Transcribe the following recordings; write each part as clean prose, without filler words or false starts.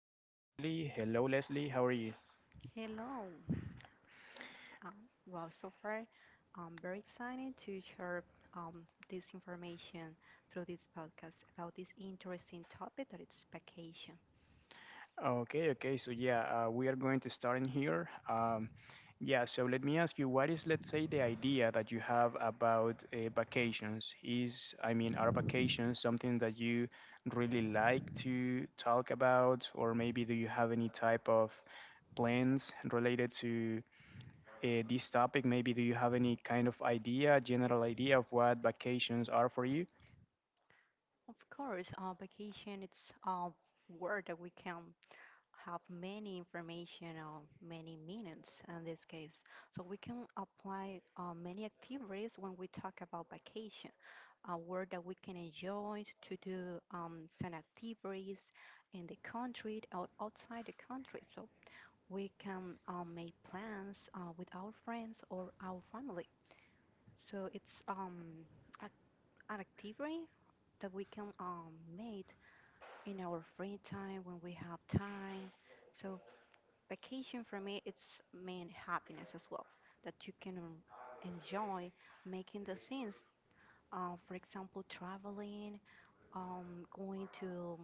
to be Leslie. Hello, Leslie. How are you? Hello. So far, I'm very excited to share this information through this podcast about this interesting topic that it's vacation. Okay, okay. So yeah, we are going to start in here. Yeah. So let me ask you, what is, let's say, the idea that you have about vacations? Is, I mean, are vacations something that you really like to talk about, or maybe do you have any type of plans related to? This topic. Maybe do you have any kind of idea, general idea of what vacations are for you? Of course, vacation it's a word that we can have many information or many meanings in this case. So we can apply many activities when we talk about vacation, a word that we can enjoy to do some activities in the country or outside the country. So we can make plans with our friends or our family. So it's ac- an activity that we can make in our free time when we have time. So vacation for me it's mean happiness as well that you can enjoy making the things for example traveling, going to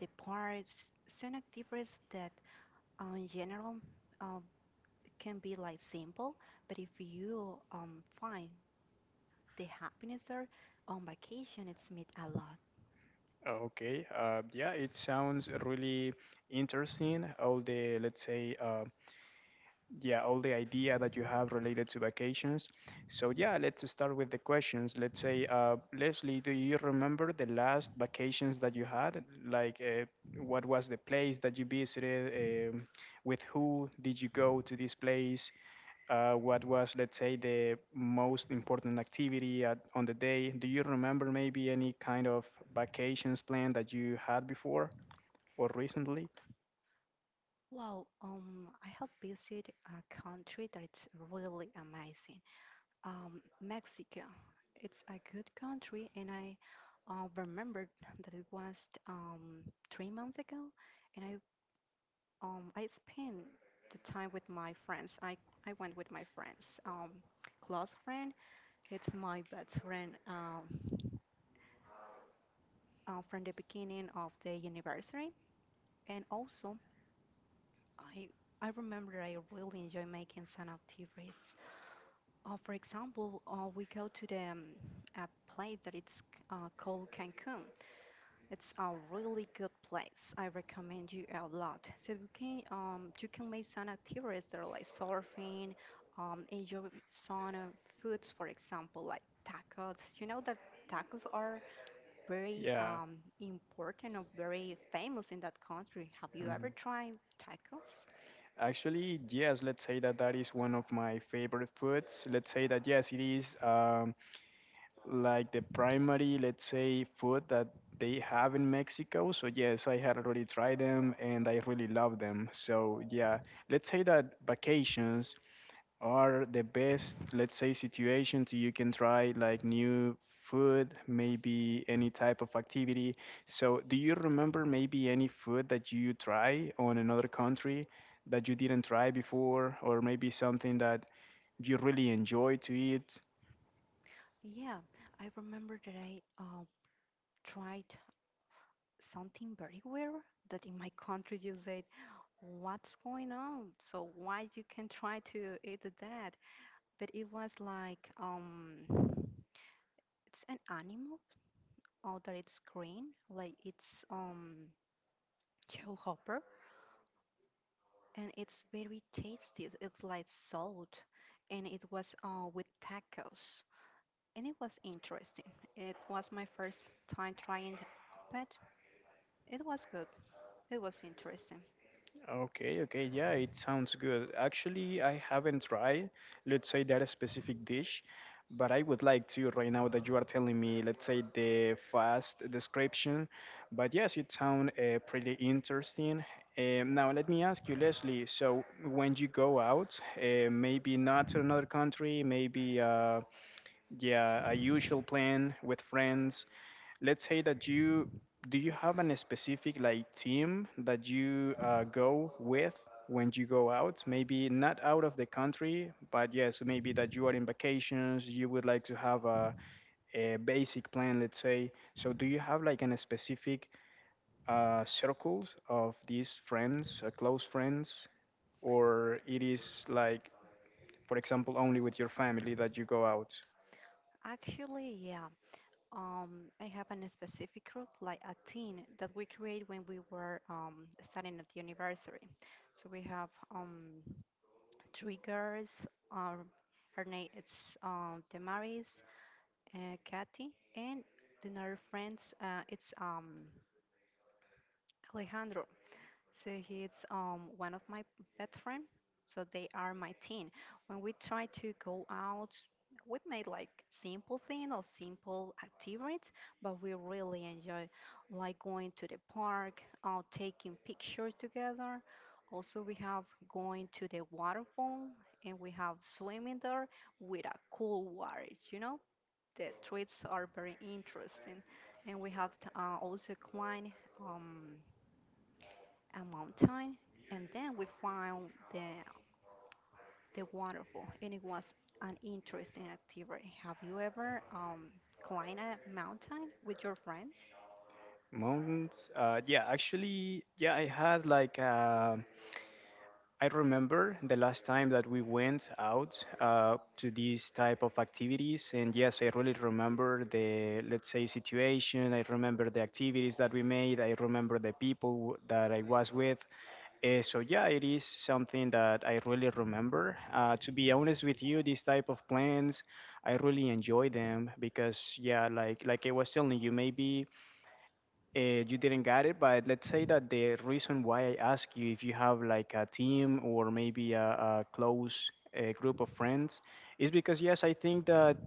the parks, certain activities that in general um, can be like simple, but if you find the happiness there on vacation it's meet a lot. Okay, yeah, it sounds really interesting. All the, let's say, yeah, all the idea that you have related to vacations. So yeah, let's start with the questions. Let's say, Leslie, do you remember the last vacations that you had? Like, what was the place that you visited? With who did you go to this place? What was, let's say, the most important activity at, on the day? Do you remember maybe any kind of vacations plan that you had before or recently? Wow. I have visited a country that it's really amazing, Mexico. It's a good country, and I remembered that it was um, 3 months ago, and I spent the time with my friends. I went with my friends. Close friend, it's my best friend, from the beginning of the anniversary, and also I. I remember I really enjoy making some activities. For example, we go to the a place that it's called Cancun. It's a really good place. I recommend you a lot. So you can make some activities that are like surfing, enjoy some foods, for example, like tacos. You know that tacos are very Yeah. Important or very famous in that country. Have you ever Mhm. tried tacos? Actually, yes, let's say that is one of my favorite foods. Let's say that, yes, it is like the primary, let's say, food that they have in Mexico. So, yes, I had already tried them and I really love them. So, yeah, let's say that vacations are the best, let's say, situations you can try like new food, maybe any type of activity. So, do you remember maybe any food that you try on another country that you didn't try before, or maybe something that you really enjoy to eat? Yeah, I remember that I tried something very weird that in my country you said, what's going on? So why you can try to eat that? But it was like, it's an animal, or that it's green, like it's, showhopper, and it's very tasty. It's like salt, and it was with tacos, and it was interesting. It was my first time trying, but it was good. It was interesting. Okay, okay, yeah, it sounds good. Actually, I haven't tried, let's say, that specific dish, but I would like to right now that you are telling me, let's say, the fast description. But yes, it sounds pretty interesting. Now, let me ask you, Leslie, so when you go out, maybe not to another country, maybe yeah, a usual plan with friends. Let's say that you do you have an specific like team that you go with when you go out? Maybe not out of the country, but yes, maybe that you are in vacations. You would like to have a basic plan, let's say. So do you have like an specific circles of these friends, close friends, or it is like, for example, only with your family that you go out? Actually, yeah. I have a specific group, like a team, that we create when we were studying at the university. So we have three girls. Um, Her name is, Damaris, Kathy, and another friends. It's Alejandro. So he's one of my best friend. So they are my team. When we try to go out, we made like simple thing or simple activities, but we really enjoy like going to the park, taking pictures together. Also, we have going to the waterfall and we have swimming there with a cool water. You know, the trips are very interesting, and we have also climbed Um, a mountain, and then we found the waterfall, and it was an interesting activity. Have you ever climbed a mountain with your friends? Mountains. Yeah, actually, yeah, I had like I remember the last time that we went out to these type of activities, and yes, I really remember the let's say situation. I remember the activities that we made. I remember the people that I was with. So yeah, it is something that I really remember. To be honest with you, these type of plans, I really enjoy them because yeah, like I was telling you, maybe you didn't get it, but let's say that the reason why I ask you if you have like a team or maybe a close group of friends is because, yes, I think that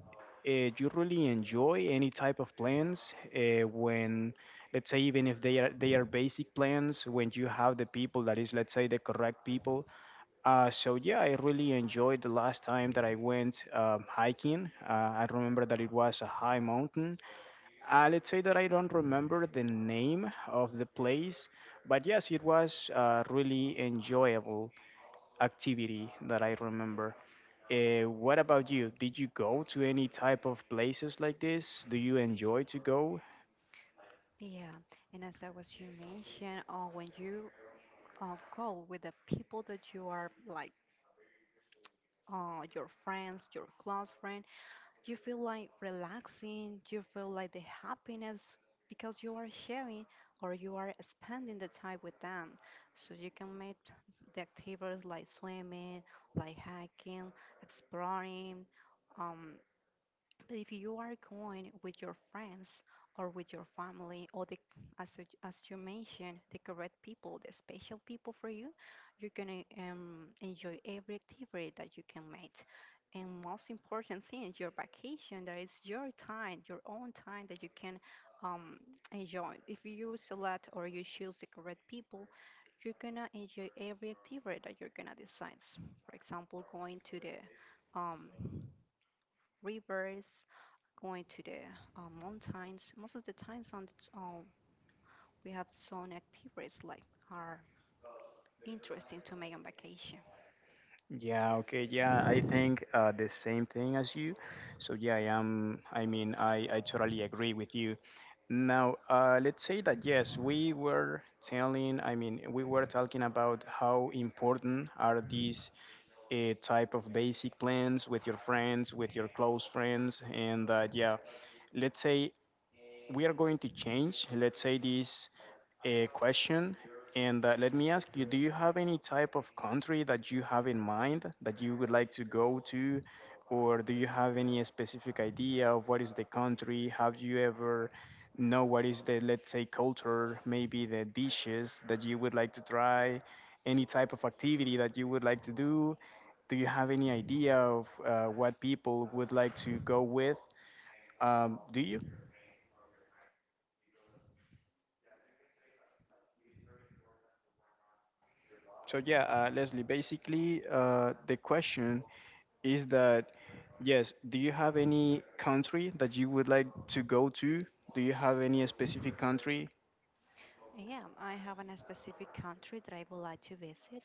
uh, you really enjoy any type of plans when, let's say, even if they are, they are basic plans, when you have the people that is, let's say, the correct people. So yeah, I really enjoyed the last time that I went hiking. I remember that it was a high mountain, let's say that I don't remember the name of the place, but yes, it was a really enjoyable activity that I remember. What about you? Did you go to any type of places like this? Do you enjoy to go? Yeah, and as I was you mentioned, when you go with the people that you are like, your friends, your close friend, you feel like relaxing, you feel like the happiness because you are sharing or you are spending the time with them. So you can make the activities like swimming, like hiking, exploring, um, but if you are going with your friends or with your family or the as you mentioned, the correct people, the special people for you, you're gonna enjoy every activity that you can make. And most important thing, your vacation. That is your time, your own time that you can um, enjoy. If you select or you choose the correct people, you're gonna enjoy every activity that you're gonna decide. For example, going to the, um, rivers, going to the, mountains. Most of the times on the, we have some activities like are interesting to make on vacation. Yeah, okay, yeah, I think the same thing as you. So yeah, I am, I mean, I totally agree with you. Now, let's say that yes, we were telling, I mean, we were talking about how important are these type of basic plans with your friends, with your close friends, and yeah, let's say we are going to change, let's say, this question. And let me ask you do you have any type of country that you have in mind that you would like to go to? Or do you have any specific idea of what is the country? Have you ever know what is the, let's say, culture, maybe the dishes that you would like to try? Any type of activity that you would like to do? Do you have any idea of what people would like to go with? Do you? So yeah, Leslie, basically the question is that yes, do you have any country that you would like to go to? Do you have any specific country? And yeah, I have a specific country that I would like to visit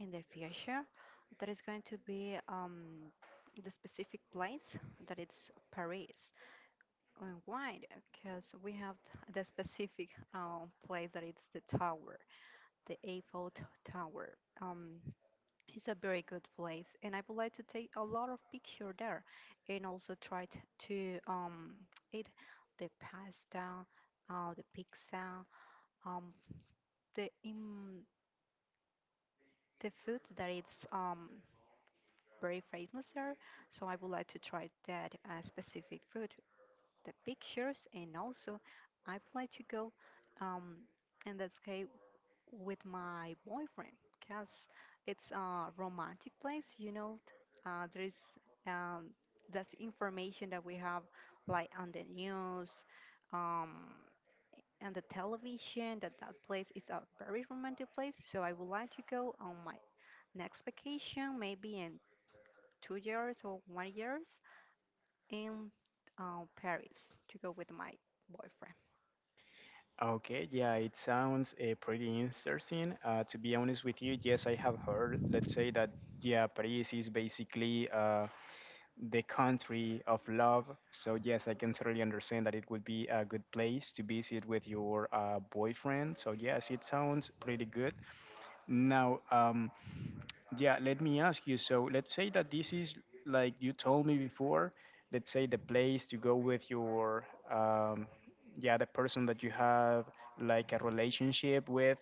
in the future. That is going to be, the specific place that it's Paris. And why? Because we have the specific place that it's the tower, the Eiffel Tower. It's a very good place, and I would like to take a lot of picture there, and also try to eat the pasta, the pizza, um the um, the food that is very famous there. So I would like to try that specific food, the pictures, and also I would like to go um in this case with my boyfriend because it's a romantic place, you know. There is um, that's information that we have like on the news, um, and the television. That place is a very romantic place. So I would like to go on my next vacation, maybe in 2 years or one years in Paris to go with my boyfriend. Okay, yeah, it sounds pretty interesting. To be honest with you, yes, I have heard, let's say that, yeah, Paris is basically the country of love. So, yes, I can totally understand that it would be a good place to visit with your boyfriend. So, yes, it sounds pretty good. Now, yeah, let me ask you. So, let's say that this is like you told me before. Let's say the place to go with your, yeah, the person that you have like a relationship with.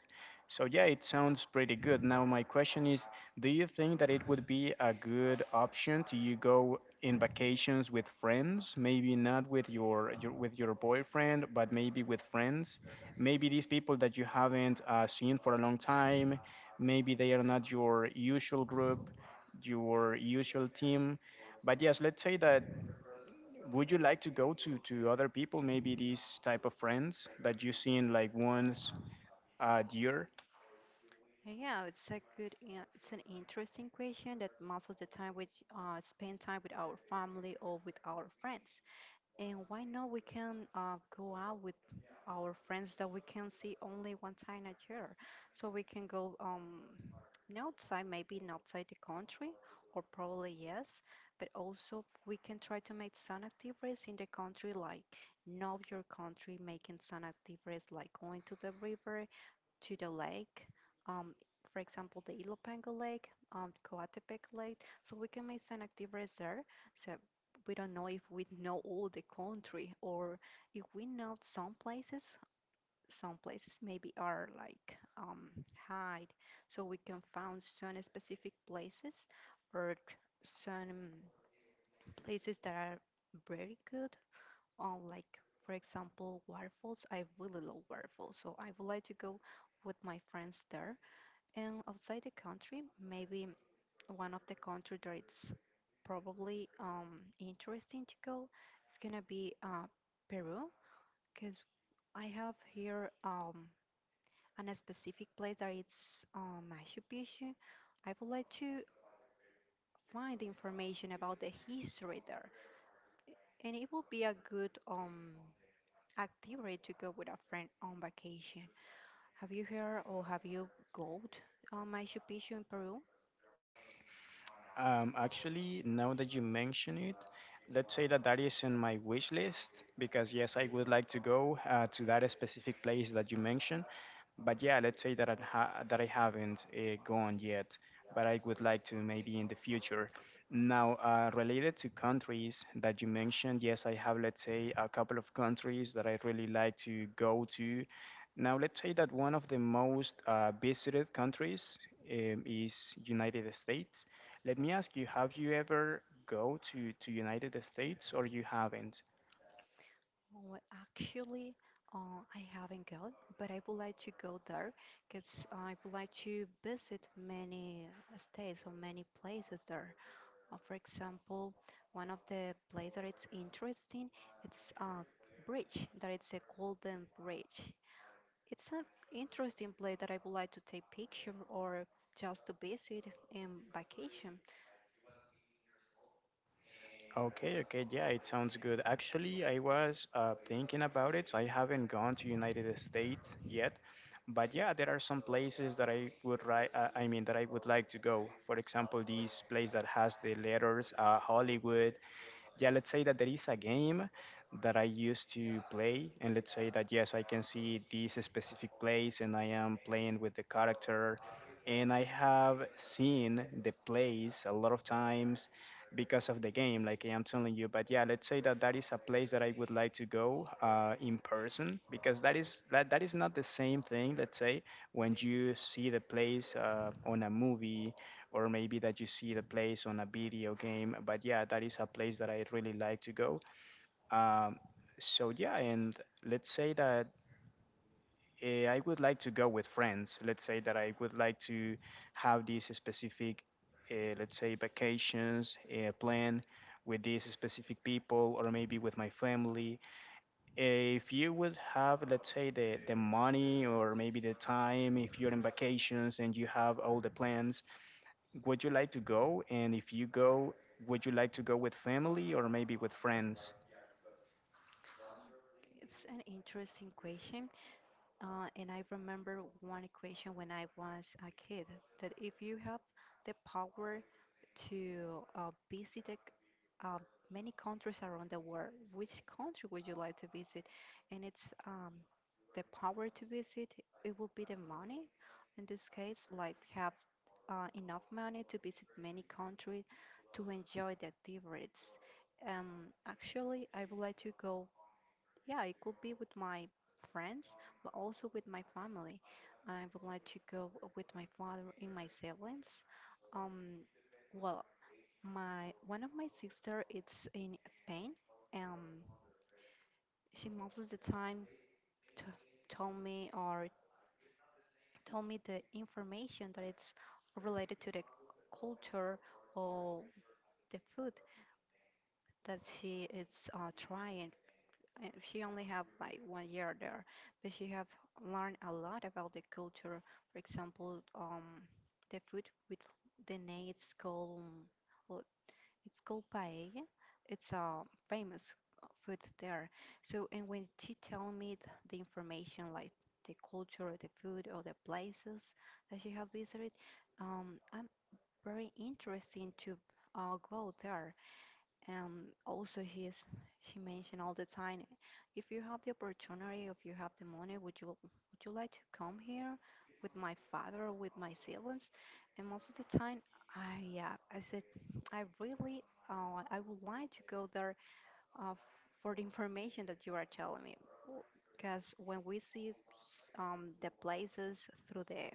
So, yeah, it sounds pretty good. Now, my question is, do you think that it would be a good option to you go in vacations with friends, maybe not with your with your boyfriend, but maybe with friends. Maybe these people that you haven't seen for a long time, maybe they are not your usual group, your usual team. But yes, let's say that would you like to go to other people, maybe these type of friends that you seen like once a year. Yeah, it's a good, it's an interesting question that most of the time we spend time with our family or with our friends. And why not we can go out with our friends that we can see only one time a year? So we can go outside, maybe not outside the country, or probably yes, but also we can try to make some activities in the country like know your country, making some activities like going to the river to the lake. Um, for example, the Ilopango Lake, Coatepec Lake. So we can make some active reserve. So we don't know if we know all the country or if we know some places. Some places maybe are like, hide, so we can find some specific places or some places that are very good. Like for example, waterfalls. I really love waterfalls, so I would like to go with my friends there and outside the country, maybe one of the country that it's probably interesting to go, it's gonna be Peru, because I have here an a specific place that it's Machu Picchu. I would like to find information about the history there, and it will be a good activity to go with a friend on vacation. Have you heard or have you go to Machu Picchu in Peru? Actually, now that you mention it, let's say that that is in my wish list because yes, I would like to go to that specific place that you mentioned. But yeah, let's say that that I haven't gone yet, but I would like to maybe in the future. Now, related to countries that you mentioned, yes, I have let's say a couple of countries that I really like to go to. Now, let's say that one of the most visited countries is United States. Let me ask you, have you ever go to United States or you haven't? Oh, actually, I haven't gone, but I would like to go there because I would like to visit many states or many places there. For example, one of the places that it's interesting, it's a bridge, that it's a Golden Bridge. It's an interesting place that I would like to take picture or just to visit in vacation. Okay, okay, yeah, it sounds good. Actually, I was thinking about it. So I haven't gone to United States yet, but yeah, there are some places that I mean that I would like to go. For example, this place that has the letters Hollywood. Yeah, let's say that there is a game that I used to play and let's say that yes I can see this specific place and I am playing with the character and I have seen the place a lot of times because of the game like I am telling you, but yeah, let's say that that is a place that I would like to go in person because that is that is not the same thing. Let's say when you see the place on a movie or maybe that you see the place on a video game. But yeah, that is a place that I really like to go. Um, so yeah, and let's say that I would like to go with friends. Let's say that I would like to have this specific, let's say, vacations plan with these specific people, or maybe with my family. If you would have, let's say, the money or maybe the time, if you're in vacations and you have all the plans, would you like to go? And if you go, would you like to go with family or maybe with friends? It's an interesting question. And I remember one equation when I was a kid that if you have the power to visit uh, many countries around the world, which country would you like to visit? And it's, the power to visit, it will be the money. In this case, like have enough money to visit many countries to enjoy the activities. Actually, I would like to go, yeah, it could be with my friends, but also with my family. I would like to go with my father and my siblings. Um, well, my one of my sister is in Spain. Um, she most of the time t- told me or told me the information that it's related to the culture or the food that she is trying. She only have like one year there, but she have learned a lot about the culture. For example, the food with the name it's called, well, it's called paella. It's a famous food there. So and when she tell me the information like the culture, the food, or the places that she have visited, I'm very interested to go there and also he's she mentioned all the time, if you have the opportunity, if you have the money, would you like to come here with my father or with my siblings? And most of the time, I yeah, I said, I really, I would like to go there, uh, f- for the information that you are telling me, because when we see the places through the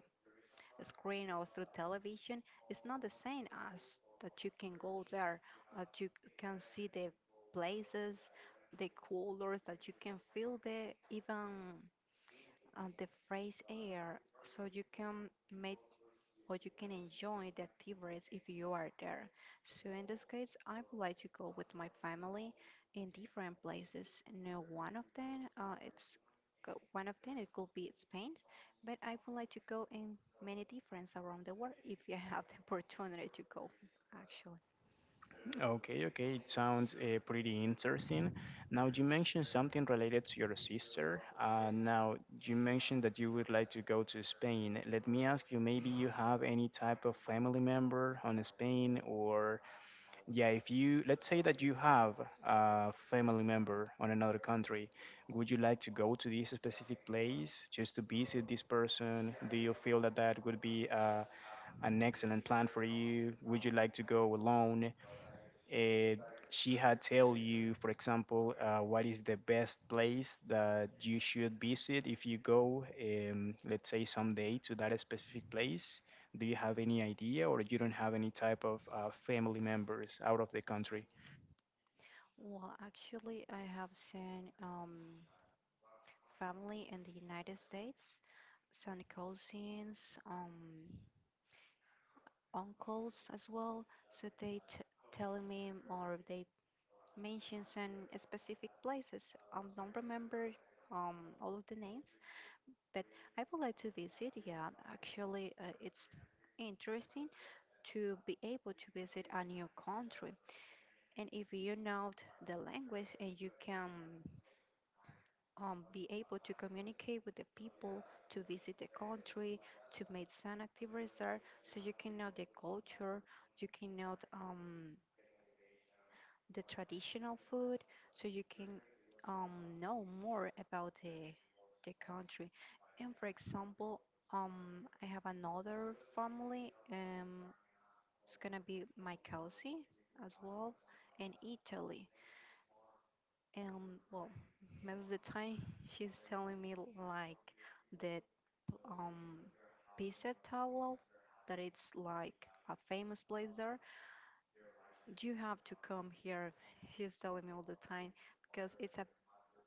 screen or through television, it's not the same as that you can go there, that you can see the places, the colors, that you can feel the even, the fresh air, so you can make or you can enjoy the activities if you are there. So in this case, I would like to go with my family in different places. Now, one of them, one of them, it could be Spain, but I would like to go in many different around the world if I have the opportunity to go, actually. Okay, okay, it sounds pretty interesting. Now, you mentioned something related to your sister. Now, you mentioned that you would like to go to Spain. Let me ask you, maybe you have any type of family member on Spain, or yeah, if you, let's say that you have a family member on another country, would you like to go to this specific place just to visit this person? Do you feel that that would be an excellent plan for you? Would you like to go alone? It, she had tell you, for example, what is the best place that you should visit if you go, let's say, someday to that specific place. Do you have any idea, or you don't have any type of family members out of the country? Well, actually, I have seen family in the United States, some cousins. Um, Uncles as well, so they telling me more. They mention some specific places. I don't remember um, all of the names, but I would like to visit. Yeah, actually, it's interesting to be able to visit a new country. And if you know the language and you can be able to communicate with the people, to visit the country, to make some activities there, so you can know the culture, you can know the traditional food so you can um, know more about the country. And for example, I have another family, it's gonna be my cousin as well in Italy. And well, most of the time she's telling me like that um, pizza towel that it's like a famous place there. You have to come here. She's telling me all the time because it's a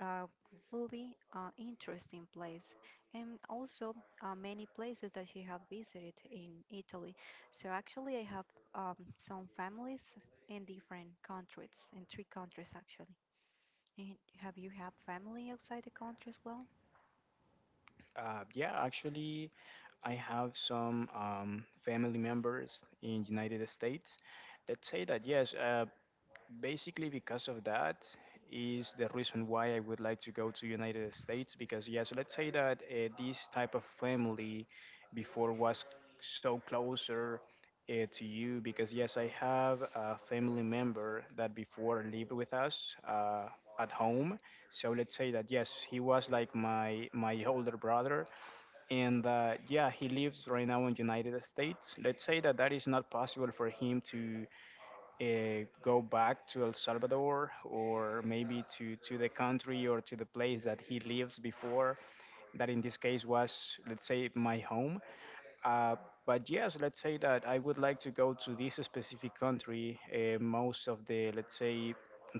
a really interesting place and also many places that she have visited in Italy. So actually I have um, some families in different countries, in three countries actually. And have you have family outside the country as well? Yeah, Actually, I have some family members in United States. Let's say that yes. Basically because of that is the reason why I would like to go to united states because yes, let's say that this type of family before was so closer to you because yes, I have a family member that before lived with us at home. So let's say that yes, he was like my older brother, and yeah, he lives right now in united states. Let's say that that is not possible for him to go back to El Salvador, or maybe to the country, or to the place that he lives before, that in this case was, let's say, my home. Uh, but yes, let's say that I would like to go to this specific country. Most of the, let's say,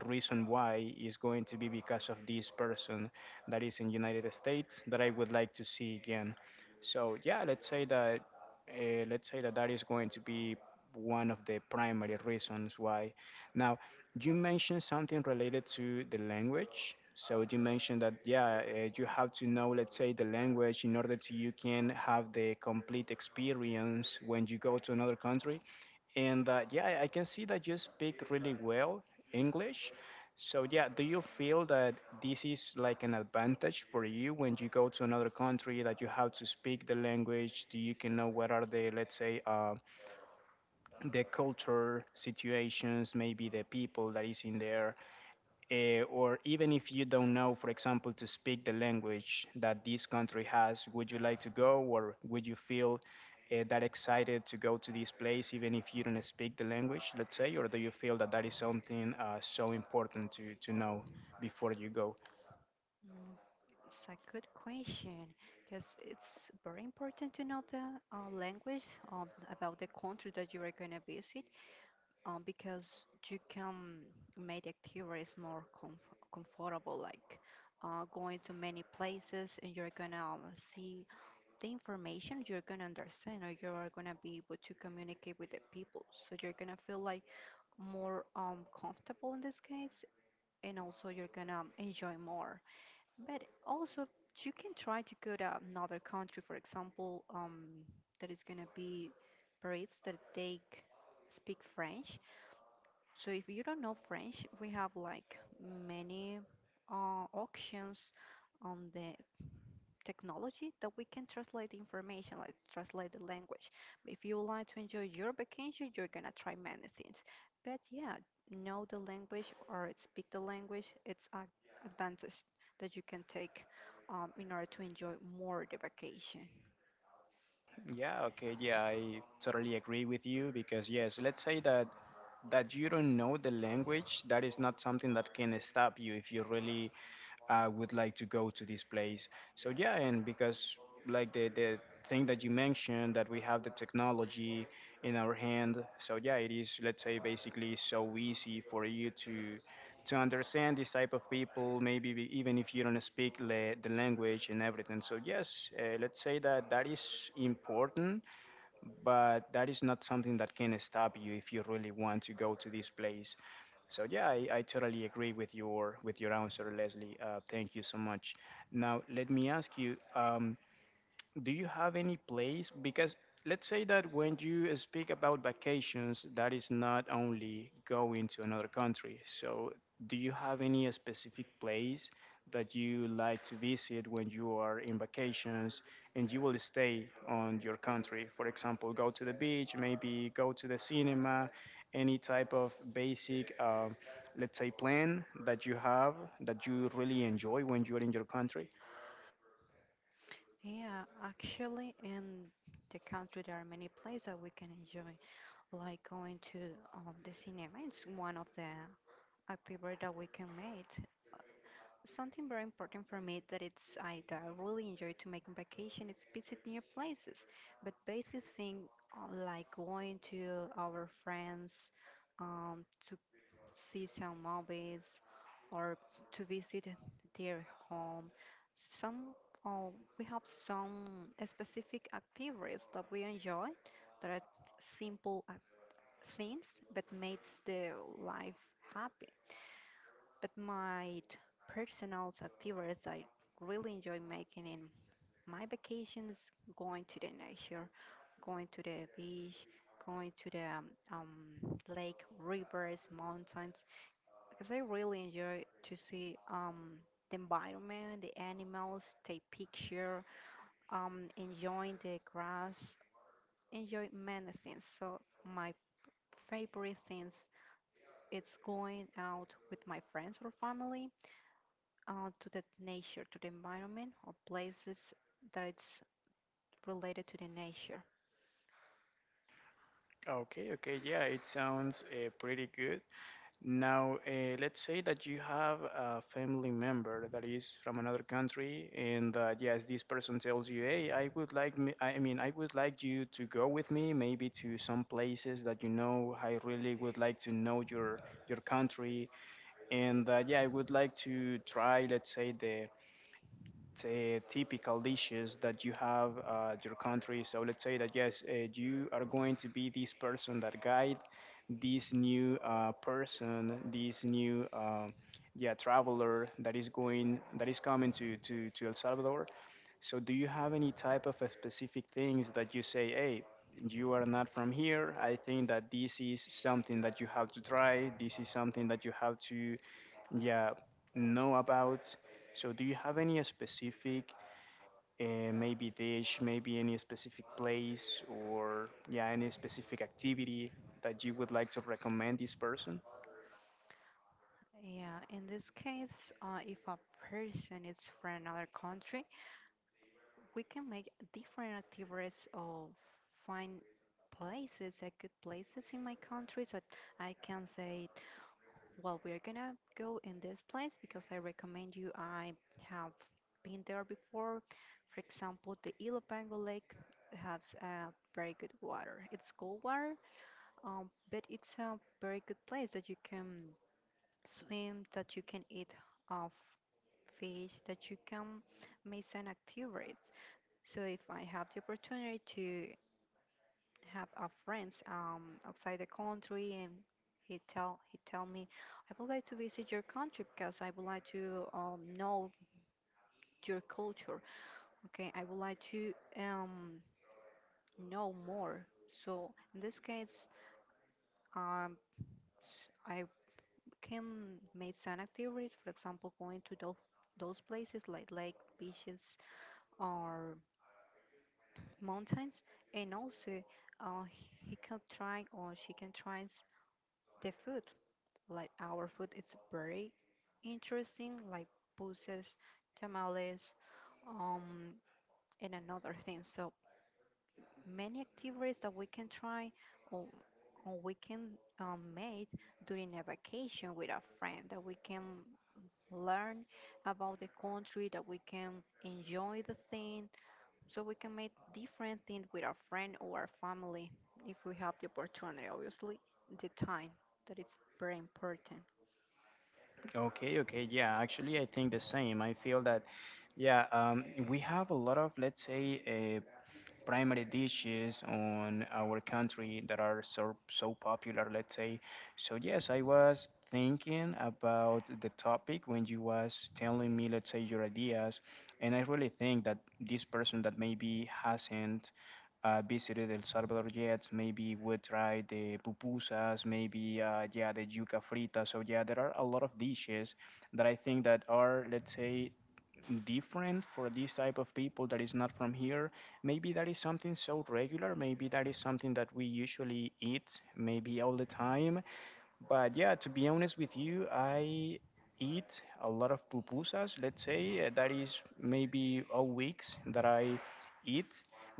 reason why is going to be because of this person that is in United States that I would like to see again. So yeah, let's say that that is going to be one of the primary reasons why. Now, you mentioned something related to the language. So you mentioned that you have to know, let's say, the language in order to you can have the complete experience when you go to another country. And yeah, I can see that you speak really well English. So yeah, do you feel that this is like an advantage for you when you go to another country that you have to speak the language? Do you can know what are the, let's say, the culture situations, maybe the people that is in there, or even if you don't know, for example, to speak the language that this country has, would you like to go, or would you feel that excited to go to this place even if you don't speak the language, let's say, or do you feel that that is something so important to know before you go? Mm, it's a good question because it's very important to know the language about the country that you are going to visit because you can make activities more comfortable, like going to many places and you're gonna see the information, you're gonna understand, or you're gonna be able to communicate with the people. So you're gonna feel like more comfortable in this case, and also you're gonna enjoy more. But also, you can try to go to another country, for example, that is gonna be Paris, that they speak French so if you don't know French, we have like many options on the technology that we can translate the information, like translate the language. But if you would like to enjoy your vacation, you're gonna try many things. But yeah, know the language or speak the language, it's an advantage that you can take in order to enjoy more the vacation. Yeah, okay, yeah, I totally agree with you, because yes, let's say that that you don't know the language, that is not something that can stop you if you really would like to go to this place. So yeah, and because like the thing that you mentioned that we have the technology in our hand, so yeah, it is, let's say, basically so easy for you to understand this type of people, maybe even if you don't speak the language and everything. So yes, let's say that that is important, but that is not something that can stop you if you really want to go to this place. So yeah, I totally agree with your answer, Leslie. Thank you so much. Now let me ask you. Do you have any place? Because let's say that when you speak about vacations, that is not only going to another country. So, do you have any specific place that you like to visit when you are in vacations and you will stay on your country? For example, go to the beach, maybe go to the cinema, any type of basic, let's say, plan that you have that you really enjoy when you are in your country? Yeah, actually in the country there are many places that we can enjoy. Like going to the cinema. It's one of the activities that we can make. Something very important for me that it's that I really enjoy to make on vacation is visit new places. But basic thing like going to our friends um, to see some movies or to visit their home. Some uh, we have some specific activities that we enjoy that are simple things that makes the life happy. But my personal activities I really enjoy making in my vacations, going to the nature, going to the beach, going to the lake, rivers, mountains, because I really enjoy to see the environment, the animals, take picture, enjoying the grass, enjoy many things. So my favorite things it's going out with my friends or family to the nature, to the environment, or places that it's related to the nature. Okay, okay, yeah, it sounds pretty good. Now, let's say that you have a family member that is from another country, and yes, this person tells you, "Hey, I would like me, I mean, I would like you to go with me, maybe to some places that you know. I really would like to know your country, and yeah, I would like to try, let's say, the typical dishes that you have at your country." So let's say that yes, you are going to be this person that guide this new person, this new yeah traveler that is going that is coming to El Salvador. So do you have any type of a specific things that you say, "Hey? You are not from here. I think that this is something that you have to try. This is something that you have to, yeah, know about." So, do you have any specific, maybe dish, maybe any specific place, or yeah, any specific activity that you would like to recommend this person? Yeah, in this case, if a person is from another country, we can make different activities or find places, good places in my country that I can say well, we're gonna go in this place because I recommend you. I have been there before. For example, the Ilopango Lake has very good water. It's cold water, but it's a very good place that you can swim, that you can eat of fish, that you can make some activities. So if I have the opportunity to have a friends outside the country, and he tell me, I would like to visit your country because I would like to know your culture. Okay, I would like to um, know more. So in this case, um, I can make some activities, for example, going to those places like lake, beaches, or mountains, and also uh, he can try or she can try the food. Like our food is very interesting, like buses, tamales, um, and another thing. So many activities that we can try or, or we can make during a vacation with a friend that we can learn about the country, that we can enjoy the thing, so we can make different things with our friend or our family if we have the opportunity, obviously, the time that it's very important. Okay, okay, yeah, actually, I think the same. I feel that, yeah, we have a lot of, let's say, uh, primary dishes on our country that are so so popular, let's say. So yes, I was thinking about the topic when you was telling me, let's say, your ideas, and I really think that this person that maybe hasn't visited El Salvador yet. Maybe we tried the pupusas, maybe yeah, the yuca frita. So yeah, there are a lot of dishes that I think that are, let's say, different for this type of people that is not from here. Maybe that is something so regular. Maybe that is something that we usually eat, maybe all the time. But yeah, to be honest with you, I eat a lot of pupusas, let's say. That is maybe all weeks that I eat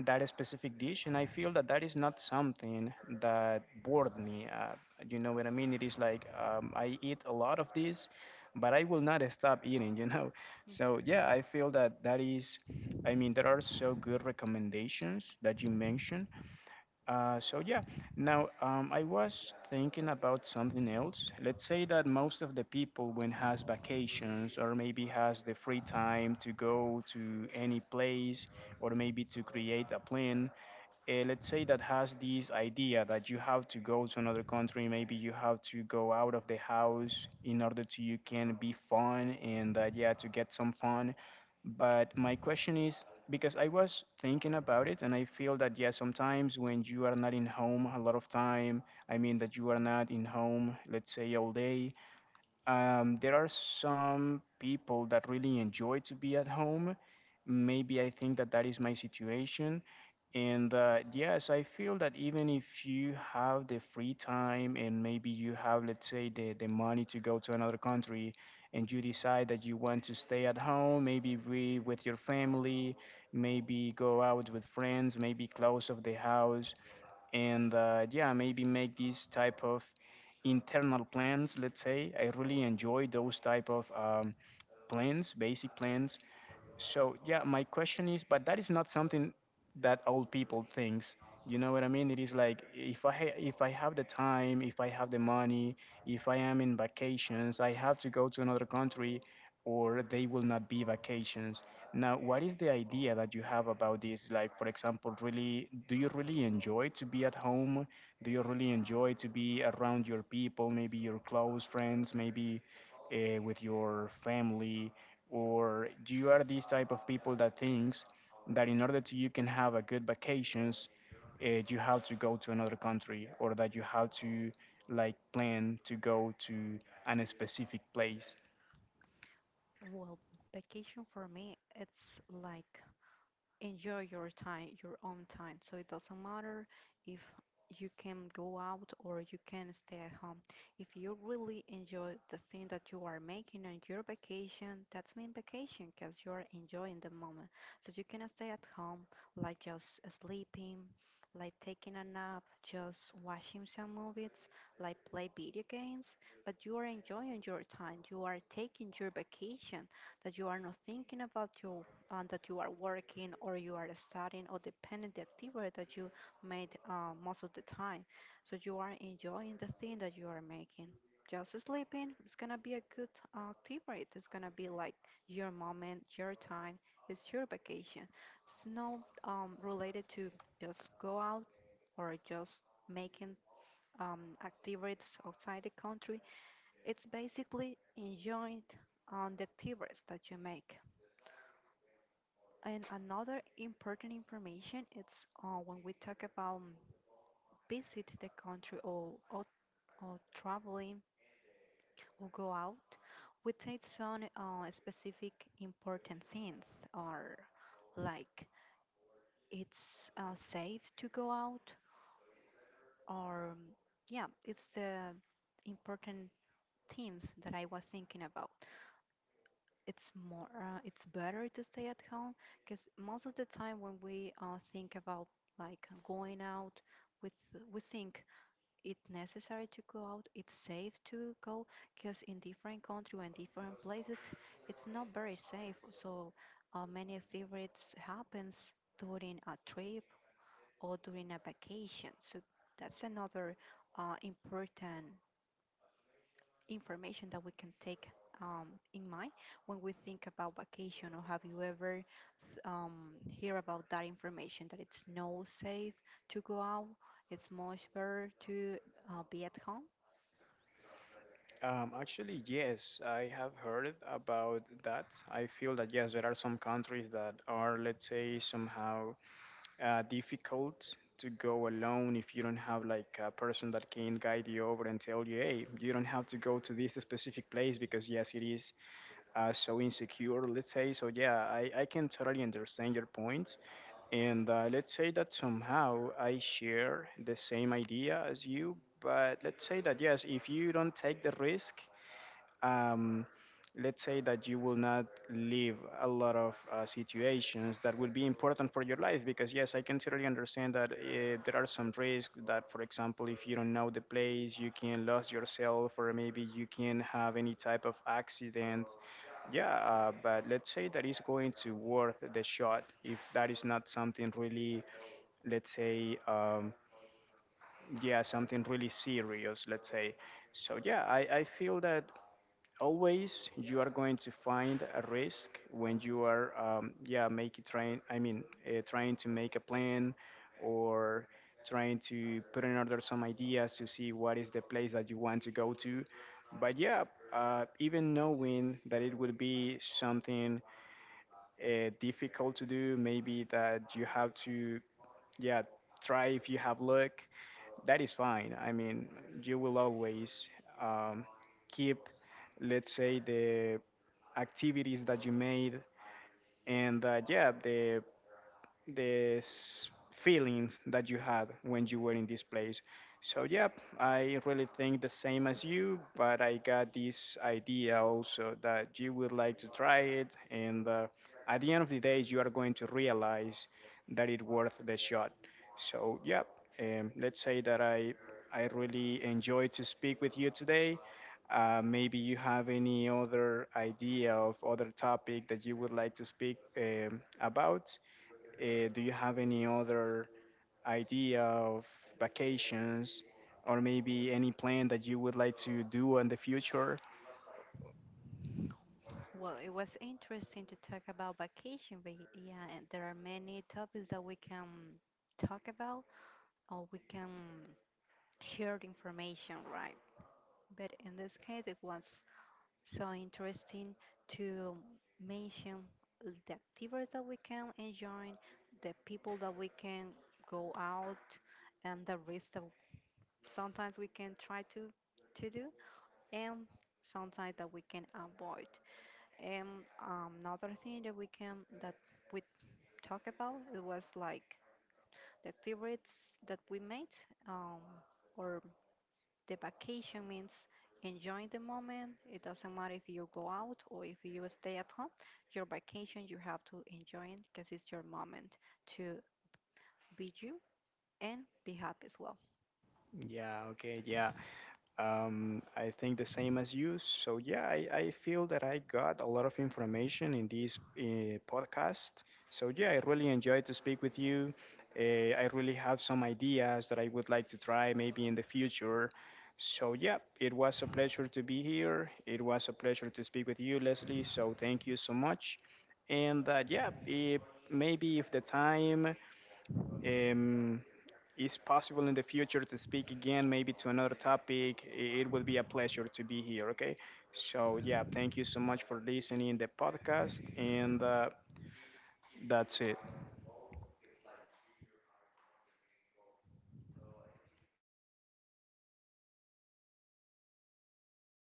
that specific dish, and I feel that that is not something that bored me. You know what I mean? It is like, I eat a lot of this, but I will not stop eating, you know? So, yeah, I feel that that is. I mean, there are so good recommendations that you mentioned, so yeah, now, I was thinking about something else. Let's say that most of the people when has vacations, or maybe has the free time to go to any place, or maybe to create a plan, let's say that has this idea that you have to go to another country, maybe you have to go out of the house in order to you can be fun and that, yeah, to get some fun. But my question is, because I was thinking about it, and I feel that yeah, sometimes when you are not in home a lot of time, I mean that you are not in home, let's say, all day, there are some people that really enjoy to be at home. Maybe I think that that is my situation. And yes, I feel that even if you have the free time and maybe you have, let's say, the money to go to another country, and you decide that you want to stay at home, maybe be with your family, maybe go out with friends, maybe close of the house, and yeah, maybe make these type of internal plans, let's say, I really enjoy those type of plans, basic plans. So yeah, my question is, but that is not something that old people thinks. You know what I mean? It is like if if I have the time, if I have the money, if I am in vacations, I have to go to another country, or they will not be vacations. Now, what is the idea that you have about this? Like, for example, really, do you really enjoy to be at home? Do you really enjoy to be around your people, maybe your close friends, maybe with your family? Or do you are these type of people that thinks that in order to you can have a good vacations, you have to go to another country, or that you have to like plan to go to an specific place? Well, vacation for me, it's like enjoy your time, your own time. So it doesn't matter if you can go out or you can stay at home. If you really enjoy the thing that you are making on your vacation, that's mean vacation because you are enjoying the moment. So you can stay at home, like just sleeping, like taking a nap, just watching some movies, like play video games. But you are enjoying your time. You are taking your vacation that you are not thinking about your that you are working or you are studying or depending the activity that you made most of the time. So you are enjoying the thing that you are making. Just sleeping is gonna be a good activity. It's gonna be like your moment, your time. It's your vacation. It's not related to just go out or just making activities outside the country. It's basically enjoying on the activities that you make. And another important information it's when we talk about visit the country or traveling or go out, we take some specific important things or like it's safe to go out or mm, yeah, it's the important themes that I was thinking about. It's more it's better to stay at home because most of the time when we think about like going out with we think it's necessary to go out it's safe to go because in different country and different places it's not very safe so many thieves happens during a trip or during a vacation so that's another important information that we can take um, in mind when we think about vacation or have you ever hear about that information that it's no safe to go out it's much better to be at home. Actually, yes, I have heard about that. I feel that yes, there are some countries that are, let's say, somehow difficult to go alone if you don't have like a person that can guide you over and tell you, "Hey, you don't have to go to this specific place because yes, it is so insecure," let's say. So yeah, I can totally understand your point. And let's say that somehow I share the same idea as you, but let's say that yes, if you don't take the risk, um, let's say that you will not leave a lot of situations that will be important for your life. Because yes, I can totally understand that there are some risks that, for example, if you don't know the place, you can lose yourself or maybe you can have any type of accident, yeah. But let's say that is going to worth the shot if that is not something really, let's say, yeah, something really serious, let's say. So yeah, I feel that always you are going to find a risk when you are yeah, making trying, I mean, trying to make a plan or trying to put in order some ideas to see what is the place that you want to go to. But yeah, even knowing that it will be something difficult to do. Maybe that you have to, yeah, try. If you have luck, that is fine. I mean, you will always um, keep, let's say, the activities that you made and yeah, the these feelings that you had when you were in this place. So, yep, I really think the same as you, but I got this idea also that you would like to try it, and at the end of the day, you are going to realize that it's worth the shot. So, yep, let's say that I really enjoyed to speak with you today. Maybe you have any other idea of other topic that you would like to speak about? Do you have any other idea of vacations, or maybe any plan that you would like to do in the future? Well, it was interesting to talk about vacation but yeah and there are many topics that we can talk about or we can share the information right but in this case it was so interesting to mention the activities that we can enjoy, the people that we can go out, and the risks that sometimes we can try to do, and sometimes that we can avoid. And another thing that we can that we talk about it was like the activities that we made um, or the vacation means enjoying the moment. It doesn't matter if you go out or if you stay at home. Your vacation, you have to enjoy it because it's your moment to be you and be happy as well. Yeah, okay, yeah. I think the same as you. So yeah, I feel that I got a lot of information in this podcast. So yeah, I really enjoyed to speak with you. Uh, I really have some ideas that I would like to try maybe in the future. So yeah, it was a pleasure to be here. It was a pleasure to speak with you, Leslie. So thank you so much. And yeah, if, maybe if the time um, it's possible in the future to speak again, maybe to another topic. It will be a pleasure to be here. Okay. So, yeah, thank you so much for listening the podcast. And that's it.